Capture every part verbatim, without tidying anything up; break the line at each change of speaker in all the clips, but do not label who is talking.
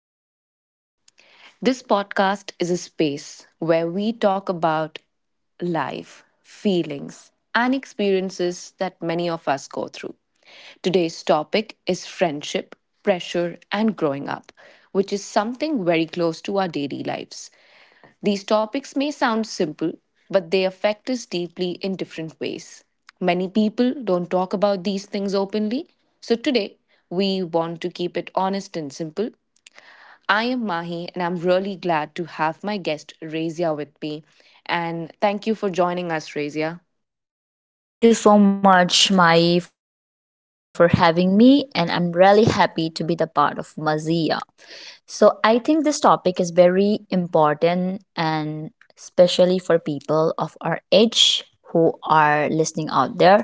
welcome to Mazia. This podcast is a space where we talk about life, feelings, and experiences that many of us go through. Today's topic is friendship, pressure, and growing up, which is something very close to our daily lives. These topics may sound simple, but they affect us deeply in different ways. Many people don't talk about these things openly, so today we want to keep it honest and simple. I am Mahi, and I'm really glad to have my guest Razia with me. And thank you for joining us, Razia.
Thank you so much, Mai, for having me, and I'm really happy to be the part of Mazia. So I think this topic is very important and especially for people of our age who are listening out there.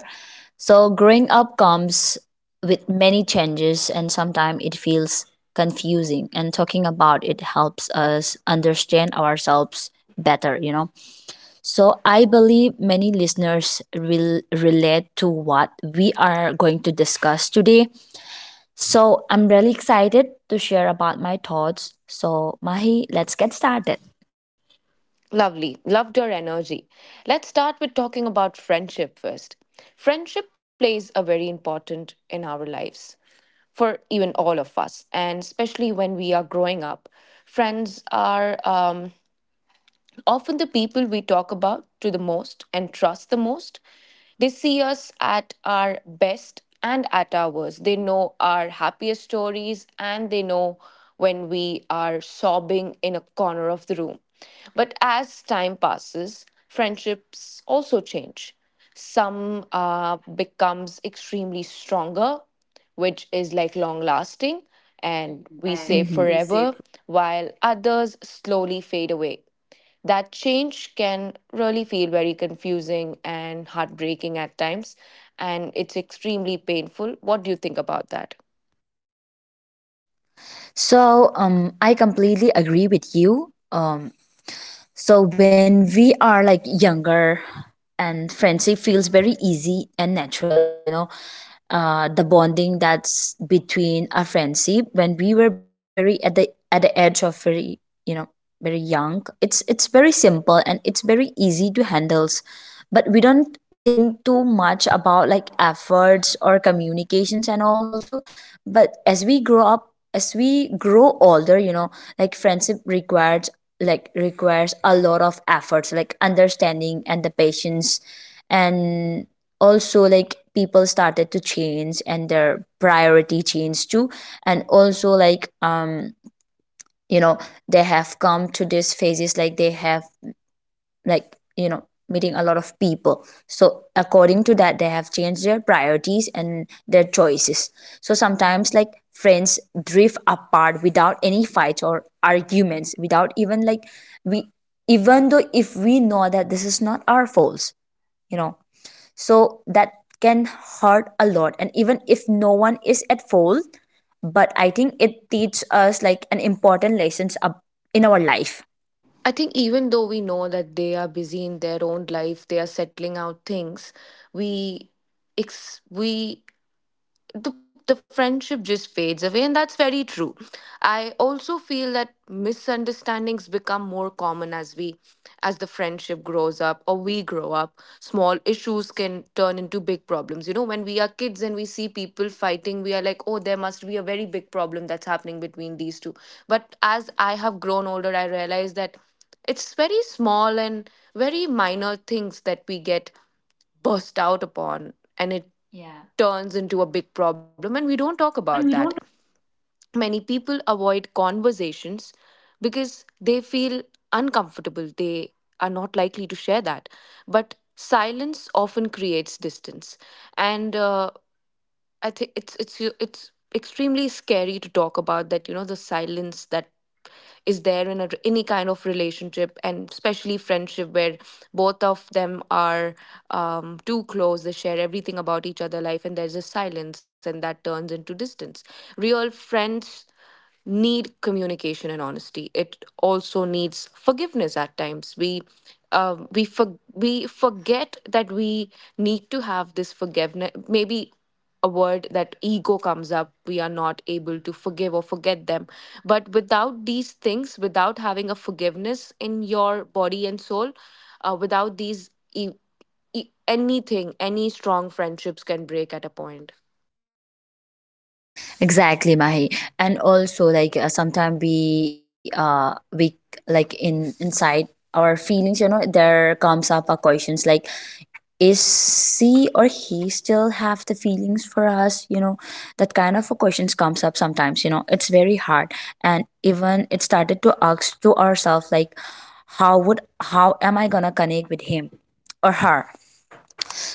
So growing up comes with many changes and sometimes it feels confusing and talking about it helps us understand ourselves better, you know. So I believe many listeners will relate to what we are going to discuss today. So I'm really excited to share about my thoughts. So Mahi, let's get started.
Lovely. Loved your energy. Let's start with talking about friendship first. Friendship plays a very important in our lives for even all of us, and especially when we are growing up. Friends are um, often, the people we talk about to the most and trust the most. They see us at our best and at our worst. They know our happiest stories and they know when we are sobbing in a corner of the room. But as time passes, friendships also change. Some uh, becomes extremely stronger, which is like long lasting, and we say
And mhm,
forever,
we say.
while others slowly fade away. That change can really feel very confusing and heartbreaking at times, and it's extremely painful. What do you think about that?
So um, I completely agree with you. Um, So when we are like younger and friendship feels very easy and natural, you know, uh, the bonding that's between a friendship when we were very at the at the edge of very you know very young. It's it's very simple and it's very easy to handle, but we don't think too much about like efforts or communications and all also. But as we grow up, as we grow older you know like friendship requires, like requires a lot of efforts, like understanding and the patience. And also, like people started to change and their priority changed too. And also, like um you know they have come to these phases, like they have, like you know meeting a lot of people. So according to that, they have changed their priorities and their choices. So sometimes, like friends drift apart without any fights or arguments, without even like we, even though if we know that this is not our faults you know so that can hurt a lot. And even if no one is at fault, but I think it teaches us like an important lessons up in our life.
I think even though we know that they are busy in their own life, they are settling out things, we ex- we the, the friendship just fades away, and that's very true. I also feel that misunderstandings become more common as we, as the friendship grows up or we grow up. Small issues can turn into big problems. You know, when we are kids and we see people fighting, we are like, oh, there must be a very big problem that's happening between these two. But as I have grown older, I realize that it's very small and very minor things that we get burst out upon, and it turns into a big
Yeah.
problem, and we don't talk about that. Many people avoid conversations because they feel uncomfortable. They are not likely to share that. But silence often creates distance. And uh, I think it's it's it's extremely scary to talk about that, you know, the silence that is there in a, any kind of relationship, and especially friendship where both of them are um, too close. They share everything about each other life and there's a silence, and that turns into distance. Real friends need communication and honesty. It also needs forgiveness at times. We uh, we for, we forget that we need to have this forgiveness. Maybe a word that ego comes up. We are not able to forgive or forget them. But without these things, without having a forgiveness in your body and soul, uh, without these. E- e- anything, any strong friendships can break at a point.
Exactly, Mahi. And also, like uh, sometimes we uh we, like in inside our feelings, you know, there comes up a questions like, is she or he still have the feelings for us? You know, that kind of a questions comes up sometimes. You know, it's very hard, and even it started to ask to ourselves like, how would how am I gonna connect with him or her?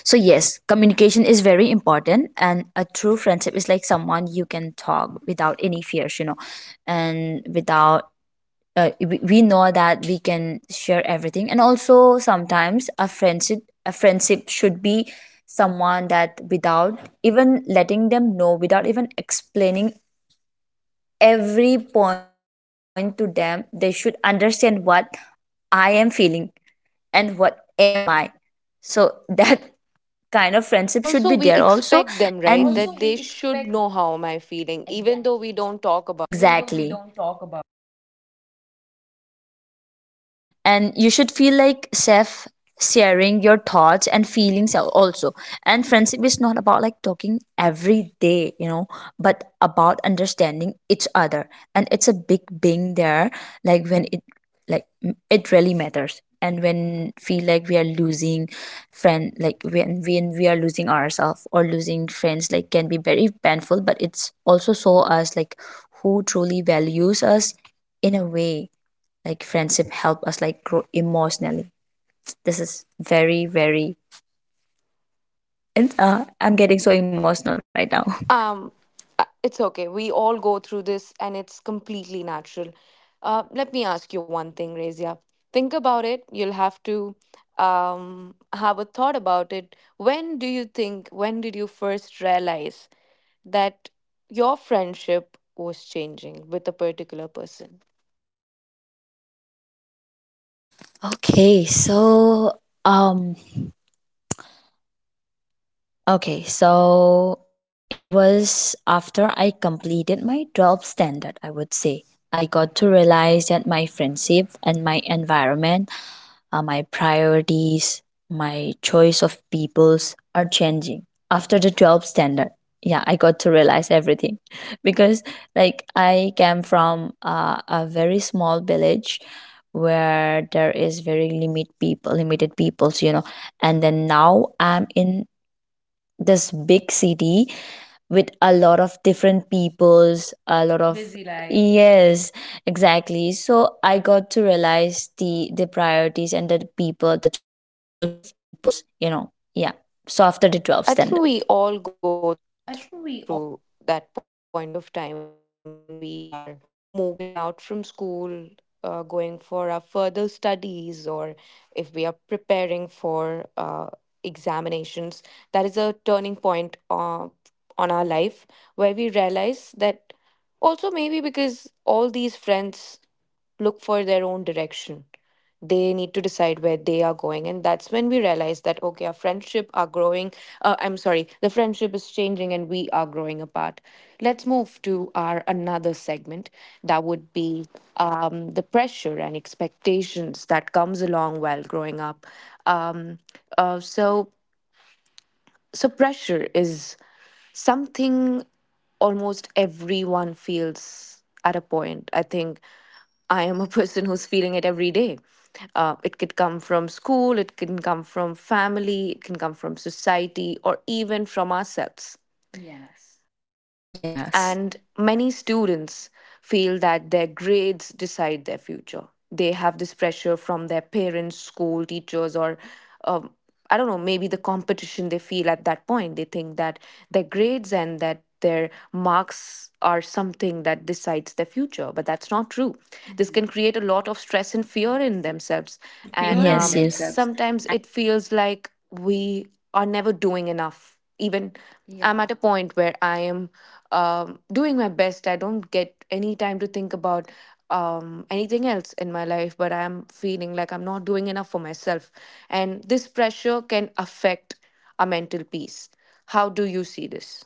So yes, communication is very important, and a true friendship is like someone you can talk without any fears, you know, and without uh, we we know that we can share everything. And also sometimes a friendship a friendship should be someone that without even letting them know, without even explaining every point to them, they should understand what I am feeling and what am I. So that kind of
And
friendship should
also,
be
we
there also.
expect them, right? That they should know how am I feeling, even though, exactly, we don't talk about.
Exactly. And you should feel like chef sharing your thoughts and feelings al- also. And friendship is not about like talking every day, you know, but about understanding each other. And it's a big being there, like when it like m- it really matters. And when feel like we are losing friend, like when when we are losing ourselves or losing friends, like can be very painful, but it's also show us like who truly values us in a way, like friendship help us like grow emotionally. This is very very, and uh, I'm getting so emotional right now.
Um, uh, it's okay. We all go through this, and it's completely natural. Uh, let me ask you one thing, Razia. Think about it. You'll have to um, have a thought about it. When do you think? When did you first realize that your friendship was changing with a particular person?
okay so um okay so it was after I completed my twelfth standard, I would say. I got to realize that my friendship and my environment, uh, my priorities, my choice of peoples are changing. After the twelfth standard, yeah, I got to realize everything. Because, like, I came from uh, a very small village where there is very limit people limited peoples you know and then now I'm in this big city with a lot of different peoples, a lot of — yes, exactly. So I got to realize the the priorities and the people, the choice of peoples you know Yeah. So after the twelfth standard.
I think we all go through that point of time when we are moving out from school, uh, going for our further studies, or if we are preparing for uh, examinations. That is a turning point uh, on our life where we realize that, also maybe because all these friends look for their own direction. They need to decide where they are going. And that's when we realize that, okay, our friendship are growing. Uh, I'm sorry, the friendship is changing and we are growing apart. Let's move to our another segment that would be um, the pressure and expectations that comes along while growing up. Um, uh, so, so pressure is something almost everyone feels at a point. I think I am a person who's feeling it every day. Uh, it could come from school, it can come from family, it can come from society, or even from ourselves. Yes.
Yes,
And many students feel that their grades decide their future. They have this pressure from their parents, school, teachers, or um, I don't know, maybe the competition they feel at that point. They think that their grades and that their marks are something that decides their future, but that's not true. This can create a lot of stress and fear in themselves. And um,
yes, yes.
sometimes it feels like we are never doing enough, even. Yeah. I'm at a point where I am
I'm at a —
um, doing
yeah.
my best. I don't get any time to think about um, anything else in my life, but I'm feeling like I'm not doing enough for myself, and this pressure can affect our mental peace. How do you see this?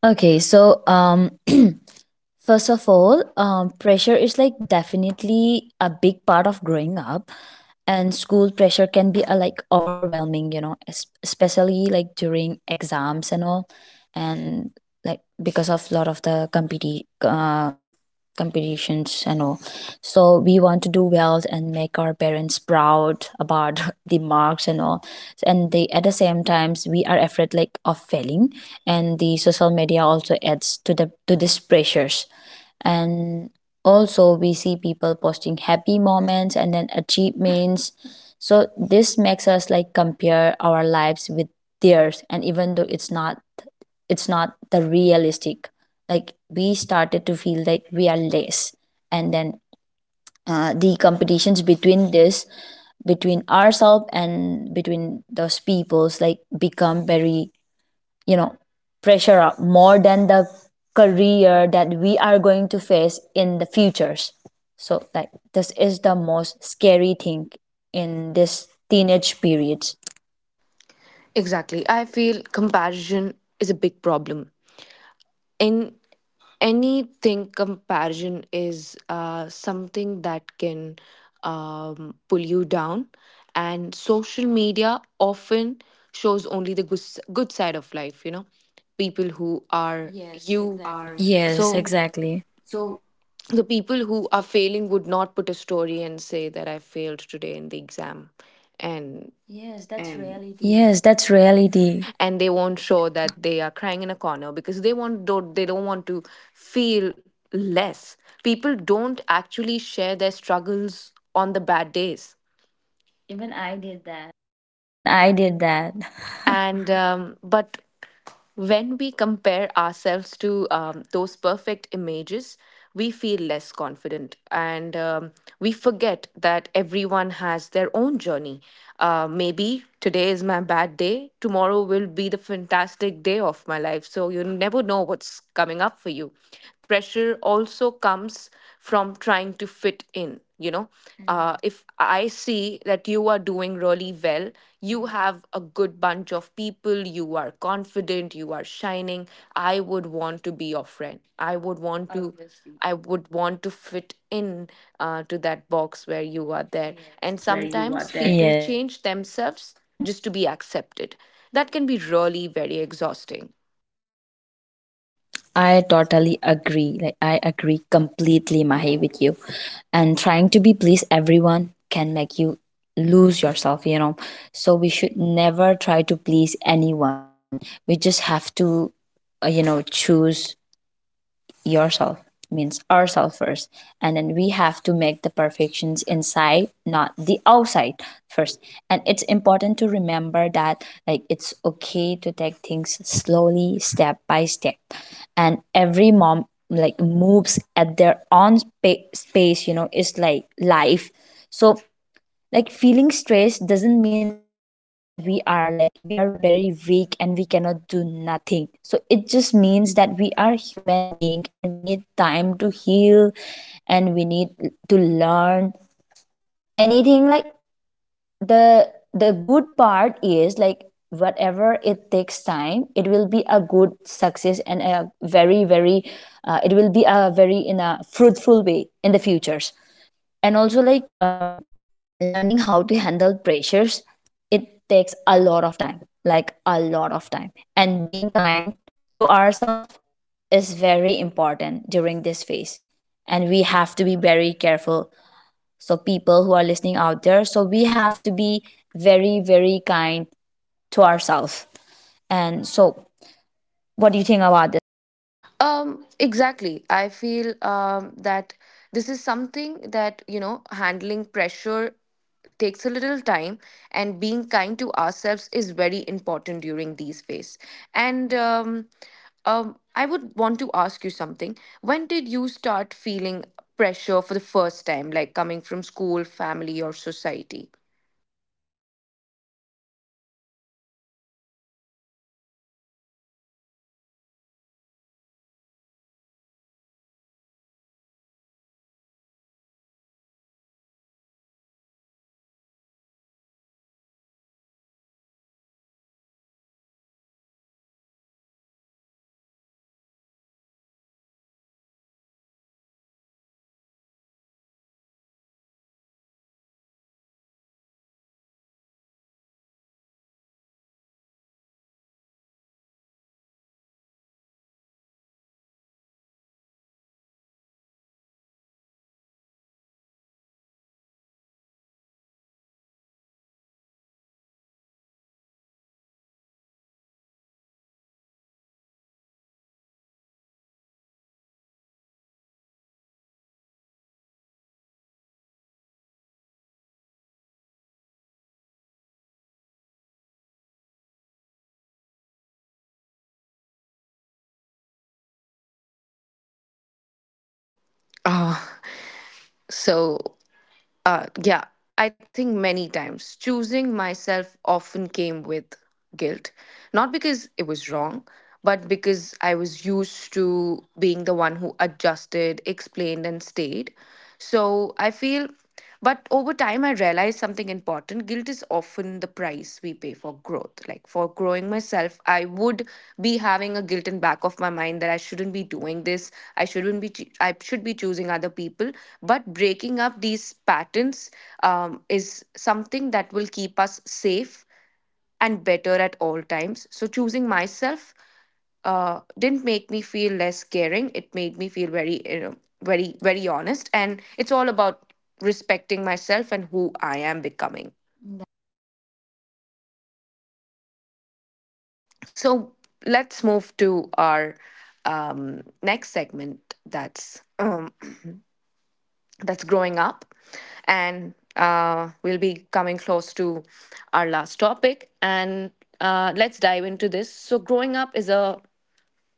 Okay, so um first of all, um, pressure is like definitely a big part of growing up. And school pressure can be a, like overwhelming, you know, es- especially like during exams and all. And like because of lot of the competi- uh, competitions and all, so we want to do well and make our parents proud about the marks and all. And the at the same times, we are afraid like of failing. And the social media also adds to the to these pressures. And also we see people posting happy moments and then achievements. So this makes us like compare our lives with theirs. And even though it's not, it's not the realistic, like we started to feel like we are less. And then uh, the competitions between this between ourselves and between those peoples, like become very, you know pressure up more than the career that we are going to face in the futures. So like this is the most scary thing in this teenage periods.
Exactly, I feel comparison is a big problem. In anything, comparison is uh, something that can um, pull you down. And social media often shows only the good, s- good side of life. You know, people who are, yes, you exactly.
Yes,
So
exactly.
the people who are failing would not put a story and say that I failed today in the exam. And yes, that's reality.
Yes, that's reality.
And they won't show that they are crying in a corner, because they want, don't, they don't want to feel less. People don't actually share their struggles on the bad days. Even I did that.
Even I did that.
And um, but when we compare ourselves to um, those perfect images, we feel less confident, and um, we forget that everyone has their own journey. Uh, maybe today is my bad day, tomorrow will be the fantastic day of my life, so you never know what's coming up for you. Pressure also comes from trying to fit in, you know. Uh, if I see that you are doing really well, you have a good bunch of people, you are confident, you are shining, I would want to be your friend. I would want to i would want to
Obviously.
fit
No.
in, uh, to that box where you are there. And sometimes people
Yes.
change themselves just to be accepted. That can be really very exhausting.
I totally agree. Like I agree completely, Mahi, with you. And trying to be please everyone can make you lose yourself, you know. So we should never try to please anyone. We just have to, uh, you know, choose yourself, means ourselves first. And then we have to make the perfections inside, not the outside first. And it's important to remember that, like it's okay to take things slowly, step by step. And every mom, like moves at their own spa- space, you know it's like life. So like feeling stressed doesn't mean that we are like we are very weak and we cannot do nothing. So it just means that we are human being and we need time to heal. And we need to learn anything. Like the the good part is like whatever it takes time, it will be a good success, and a very very, uh, it will be a very in a fruitful way in the futures. And also, like um, learning how to handle pressures, it takes a lot of time, like a lot of time. And being kind to ourselves is very important during this phase. And we have to be very careful. So people who are listening out there, so we have to be very very kind to ourselves. And so what do you think about this, Mahi?
Um, exactly. I feel um, that this is something that, you know, handling pressure takes a little time, and being kind to ourselves is very important during these phase. And um, um, I would want
Hmm.
to ask you something. When did you start feeling pressure for the first time, like coming from school, family, or society?
Okay, um, I would say I got to feel like I'm being a lot of pressure. Like during my till the job standard, I don't feel that much pressure up. But during my college, I feel like, oh my god, I have a lot of uh things to do and I have a long journey to go. During my college, I started to realize that I you know I am still not ready for what is coming up next. I'm not ready, I got to realize on that day. And I'm like um okay, I'm gonna face this. But I have to think first, like i i just have to relax. So what I did on that day was I just um you know just relax myself. And then I just uh have a deep thought about all this thing. And um yeah. So let me ask you, like uh have you ever felt guilty for choosing yourself at any moments of your
Ah,
life?
so Uh, yeah, I think many times choosing myself often came with guilt, not because it was wrong, but because I was used to being the one who adjusted, explained, and stayed. So I feel, but over time, I realized something important. Guilt is often the price we pay for growth. Like for growing myself, I would be having a guilt in back of my mind that I shouldn't be doing this. I shouldn't be. choo- I should be choosing other people. But breaking up these patterns um, is something that will keep us safe and better at all times. So choosing myself uh, didn't make me feel less caring. It made me feel very, you know, very, very honest. And it's all about respecting myself and who I am becoming.
That's amazing.
So let's move to our um, next segment. That's uh, that's growing up, and uh, we'll be coming close to our last topic. And uh, let's dive into this. So growing up is a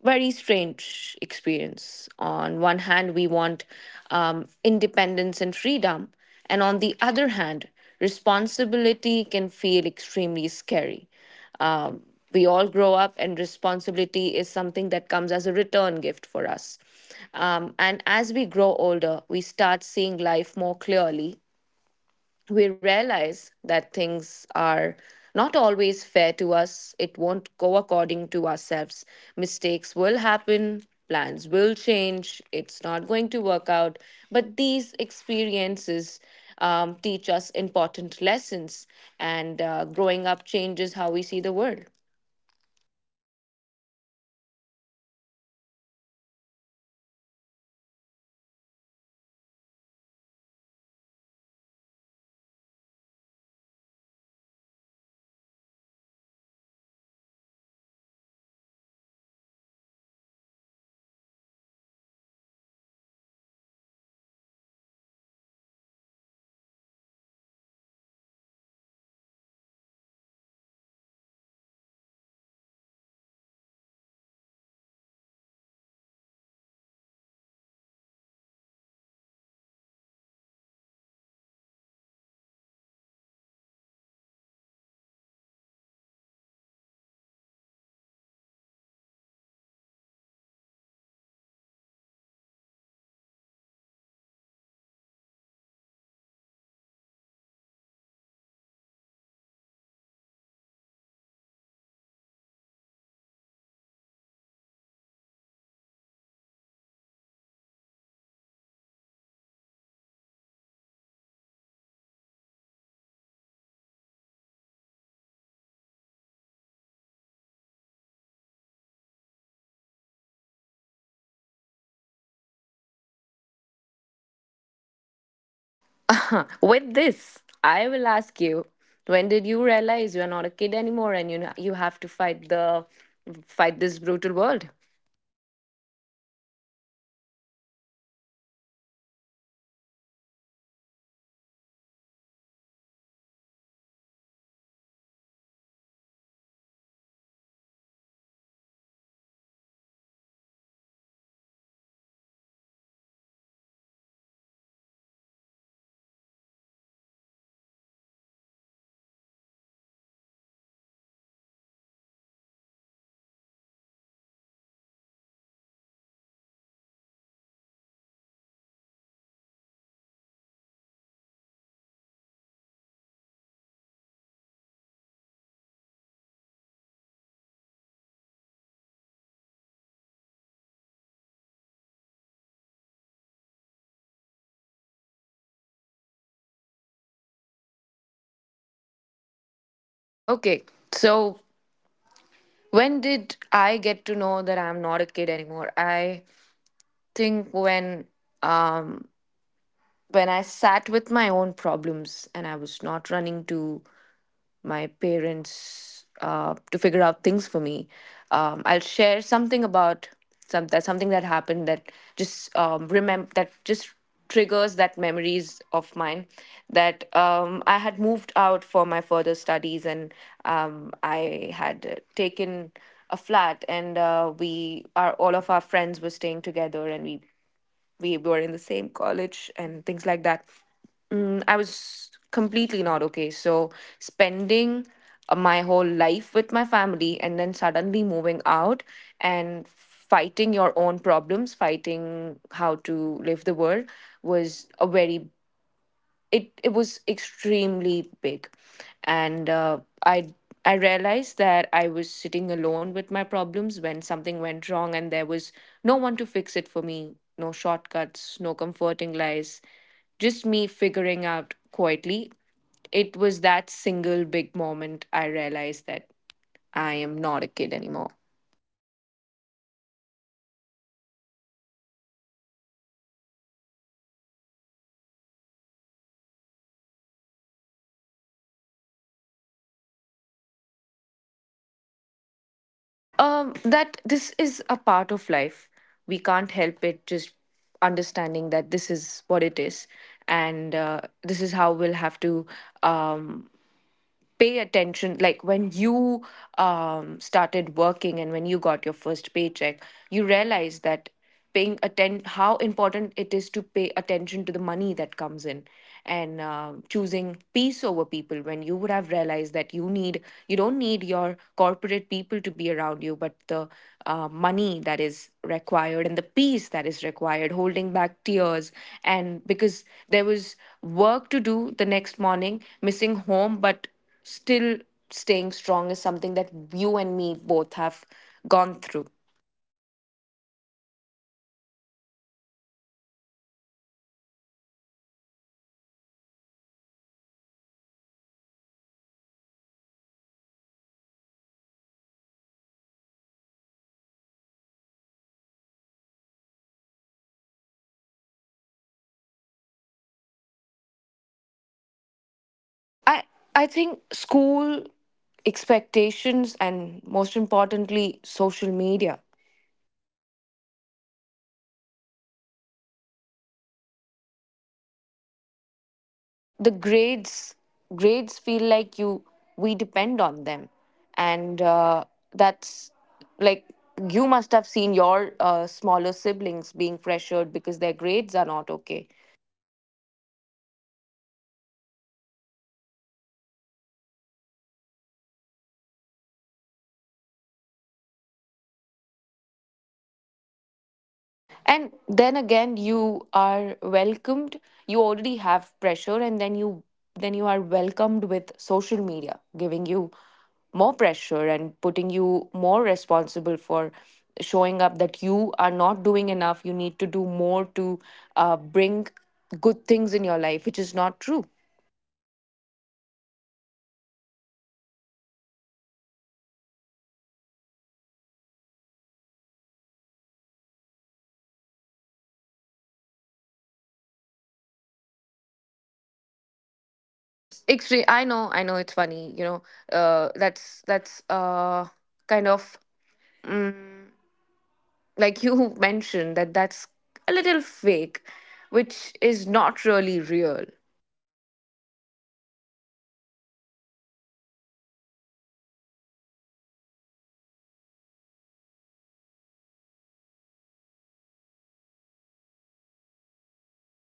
very strange experience. On one hand, we want um, independence and freedom, and on the other hand, responsibility can feel extremely scary. Um, we all grow up, and responsibility is something that comes as a return gift for us. Um, and as we grow older, we start seeing life more clearly. We realize that things are not always fair to us, it won't go according to ourselves. Mistakes will happen, plans will change, it's not going to work out. But these experiences um, teach us important lessons, and uh, growing up changes how we see the world.
Exactly, things are not going to be as what we imagined when we used to be young you know so that's not going to be happen, and that's very true. My And also, like growing up also help us understand, you know ourselves better and better. And then we got to learn about our strength and weaknesses. And so we start like f- forming our own opinions and values you know and also we started to ask a lot of questions to ourselves. And then we started to, you know find out what we are really going after for. And what we are and what we really want in our lives. So it's okay to feel lost sometimes, and also no one really, like has everything figured out. You know, even though uh, there are a lot of people out there, even though at the age of fifty, sixty, they don't even know their themselves and they don't even know, like their goals and what they are still doing at the age of fifty, sixty, you know. So um, even adults are still learning, and growing up is a process, so not a destination. So what matters is that we keep learning and moving forward, I would say.
With this, I will ask you, when did you realize you're not a kid anymore and you, you have to fight the fight this brutal world?
O M G, I would say I'm very late to realize all this thing, but and exactly, I would say I got to realize when I s- got my first job, when I got my first salary. I got to realize that, bro, I am not a kid anymore and I have a lot of responsibility to do, and I have a lot of uh, like things to handle with, and, and and a lot of things to learn. I'm still I'm not a kid anymore, but I have a lot of things to learn more than the things that I've learned during my teenage, you know. So uh, I also want to ask you something like um you know um, like the same questions that you have asked me, so I want to know from your
Okay,
perspective.
so when did I get to know that I'm not a kid anymore? I think when, when I sat with my own problems and I was not running to my parents uh, to figure out things for me. Um, I'll share something about some that something that happened that just um, remember that just triggers that memories of mine that um, I had moved out for my further studies and um, I had uh, taken a flat and uh, we are all of our friends were staying together and we we were in the same college and things like that. mm, I
Mhm.
was completely not okay. So spending uh, my whole life with my family and then suddenly moving out and fighting your own problems, fighting how to live the world was a very, it it was extremely big. And uh, i i realized that I was sitting alone with my problems when something went wrong and there was no one to fix it for me. No shortcuts, no comforting lies, just me figuring out quietly. It was that single big moment I realized that I am not a kid anymore.
Okay, that's amazing. That's really great. Uh, choice, you know, you, that you have made, but I just want to know what you have learned from that, like what did you realize from that.
Um that this is a part of life. We can't help it, just understanding that this is what it is, and uh, this is how we'll have to um pay attention. Like when you um, started working and when you got your first paycheck, you realize that paying atten- how important it is to pay attention to the money that comes in. And uh, choosing peace over people, when you would have realized that you need you don't need your corporate people to be around you, but the uh, money that is required and the peace that is required, holding back tears and because there was work to do the next morning, missing home but still staying strong is something that you and me both have gone through.
Okay, yeah, so it's, I, I know I'm I'm really the, but I, I just want to, I'm really excited to know more about this thing since you are- have learned a lot of things, like more than me, you know but I just want to know, like where do you think that most pressures like, like comes from, you know.
I I think school, expectations, and most importantly social media.
Yeah, exactly, I have the same thoughts too,
The
you know.
grades Grades feel like you we depend on them, and uh, that's like you must have seen your uh, smaller siblings being pressured because their grades are not okay.
Yes, and that that creates a lot of stress to us, you know, like it's like a heavy, a a a- yeah, heavy feelings, you know.
And then again, you are welcomed. You already have pressure, and then you then you are welcomed with social media, giving you more pressure and putting you more responsible for showing up that you are not doing enough. You need to do more to uh, bring good things in your life, which is not true.
Yes, and and that we compare our life, real life, with other people's, you know, online life, who is like edited things. That's very funny sometimes, you know, when we just just think
Extreme.
of it.
I
It's
know.
really
I know.
funny
It's funny. You
sometimes.
know. Uh, that's that's uh kind of like you mentioned that that's a little fake, which is not really real.
Exactly, and so and everyone has struggles, you know, and even if we don't see them, like who are struggling in their life, but exactly, everyone is struggling.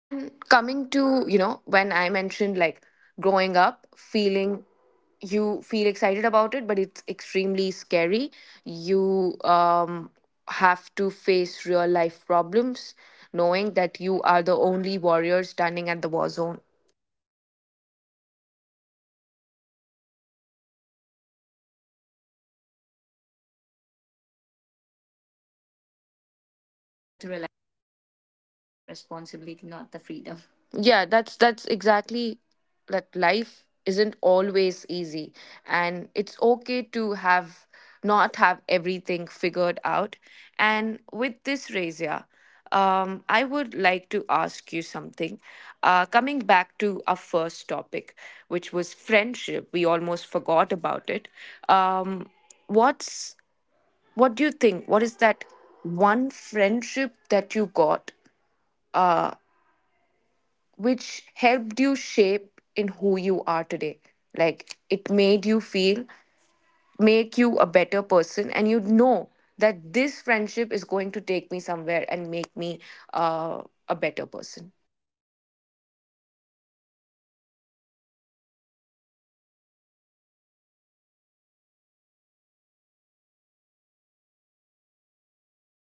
And coming to, you know, when I mentioned like growing up feeling, you feel excited about it, but it's extremely scary. You um have to face real life problems, knowing that you are the only warrior standing at the war zone.
Yeah, and you want you just want, and you started like, you just want freedom, but actually you are really afraid of
We got to realize
responsibility. When we got to realize that
responsibility,
we are
not the
just
freedom.
running from the
Yeah, that's
responsibility,
that's
not the freedom.
exactly that life isn't always easy and it's okay to have not have everything figured out. And with this, Razia, um, I would like to ask you something. Uh, coming back to our first topic, which was friendship, we almost forgot about it. um, what's what do you think, what is that one friendship that you got, Uh, which helped you shape in who you are today, like it made you feel, make you a better person, and you know that this friendship is going to take me somewhere and make me uh, a better person?
Okay, so y- do you want me to um just um okay.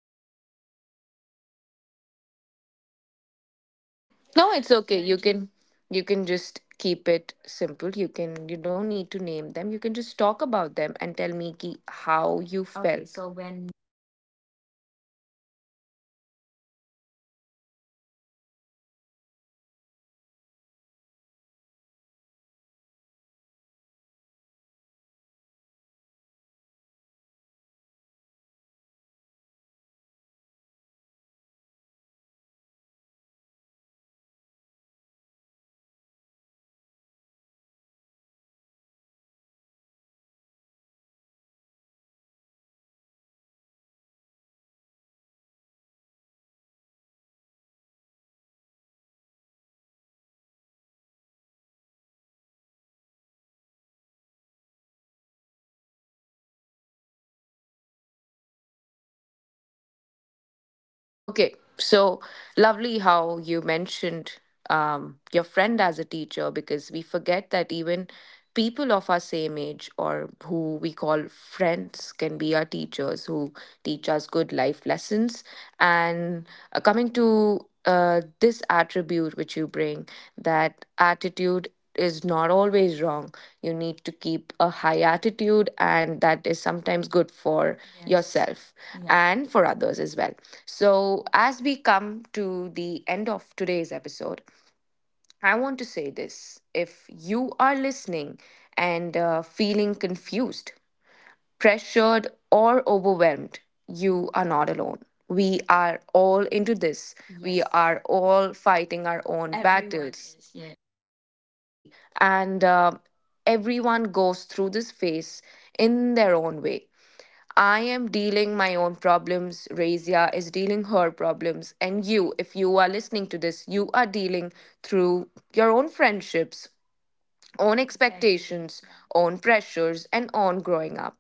Okay, so do you want to know the name of that
No, it's
friends or
okay, you can,
in,
you can just
should I
keep it
just.
simple. You can, you don't need to name them. You can just talk about them and tell me ki, how you, okay, felt so when.
Okay, so when did I met her or him? That kind of okay. So I would say, mm, I think uh, I would say on my second job. So she become uh, uh my idol, you know, and like um a kind of um admirers, I would say, a kind of teachers, you know. I got to learn a lot of lessons from her, and a lot of not bad attitudes, but good attitudes, you know, as a part of life. Yeah. So I would say during my second phase of like my job.
Okay, so lovely how you mentioned um, your friend as a teacher, because we forget that even people of our same age or who we call friends can be our teachers who teach us good life lessons. And uh, coming to uh, this attribute which you bring, that attitude is not always wrong. You need to keep a high attitude, and that is sometimes good for, yes, yourself. Yeah. And for others as well.
Yes.
So, as we come to the end of today's episode, I want to say this. If you are listening and uh, feeling confused, pressured, or overwhelmed, you are not alone. We are all into this. We, yes, are all fighting our
We
own, everyone, battles, is, yeah. Exactly.
is.
And
Yes.
uh, everyone goes through this phase in their own way. I am dealing my own problems. Razia is dealing her problems. And you, if you are listening to this, you are dealing through your own friendships, own expectations, own pressures, and on growing up.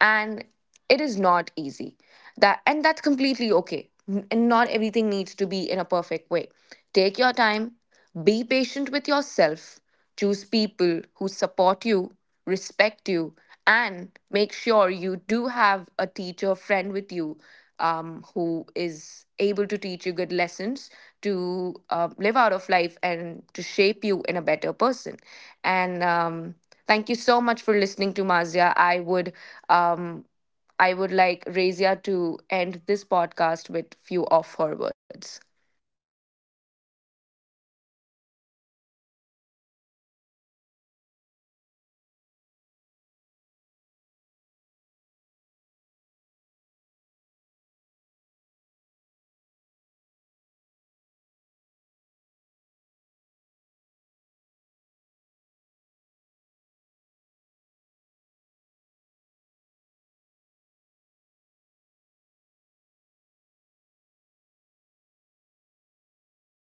And it is not easy. That and that's completely okay. N- And not everything needs to be in a perfect way. Take your time, be patient with yourself, choose people who support you, respect you, and make sure you do have a teacher friend with you um, who is able to teach you good lessons to uh, live out of life and to shape you in a better person. And um, thank you so much for listening to Mazia. I would um, I would like Razia to end this podcast with few of her words.
Okay, thank you so much. Like, and thank you for having me, you know, on this podcast today. I really, like, really enjoy this conversation and I love the topic. It's like amazing, you know. I I feel, you know, it's very emotional sometimes. It's very emotional apart, on a on a on a other side, and also very interesting, and also like very um I feel like I am a supporter. I am a very, you know,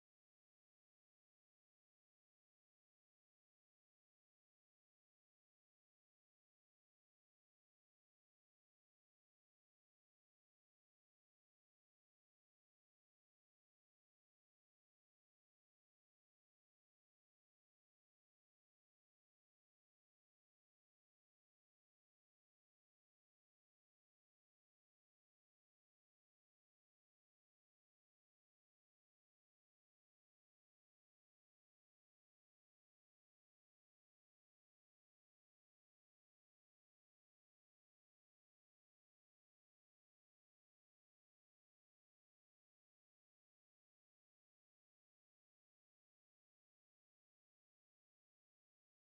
uh, advisor of everyone, but I'm not that kind of persons. But today I feel like while talking all this topic, while discussing about these topics, you know. So I hope our discussions made someone feels understood and being loved, you know, and being, yeah, being understood is much much like better, I think. So remember guys, it's okay for you to struggle, and it's okay to ask for help. So life is about like learning and growing little by little, so take step by step, take your time. You just have to breathe, you know, just breathe yourself, understand yourself, love yourself, choose, give all the priorities to yourself first.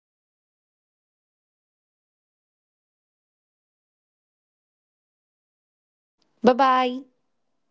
And thank you so much for listening to Mazia, and and thank you so much Mai for having me here. So see you next
Bye
time,
bye.
thank you so much.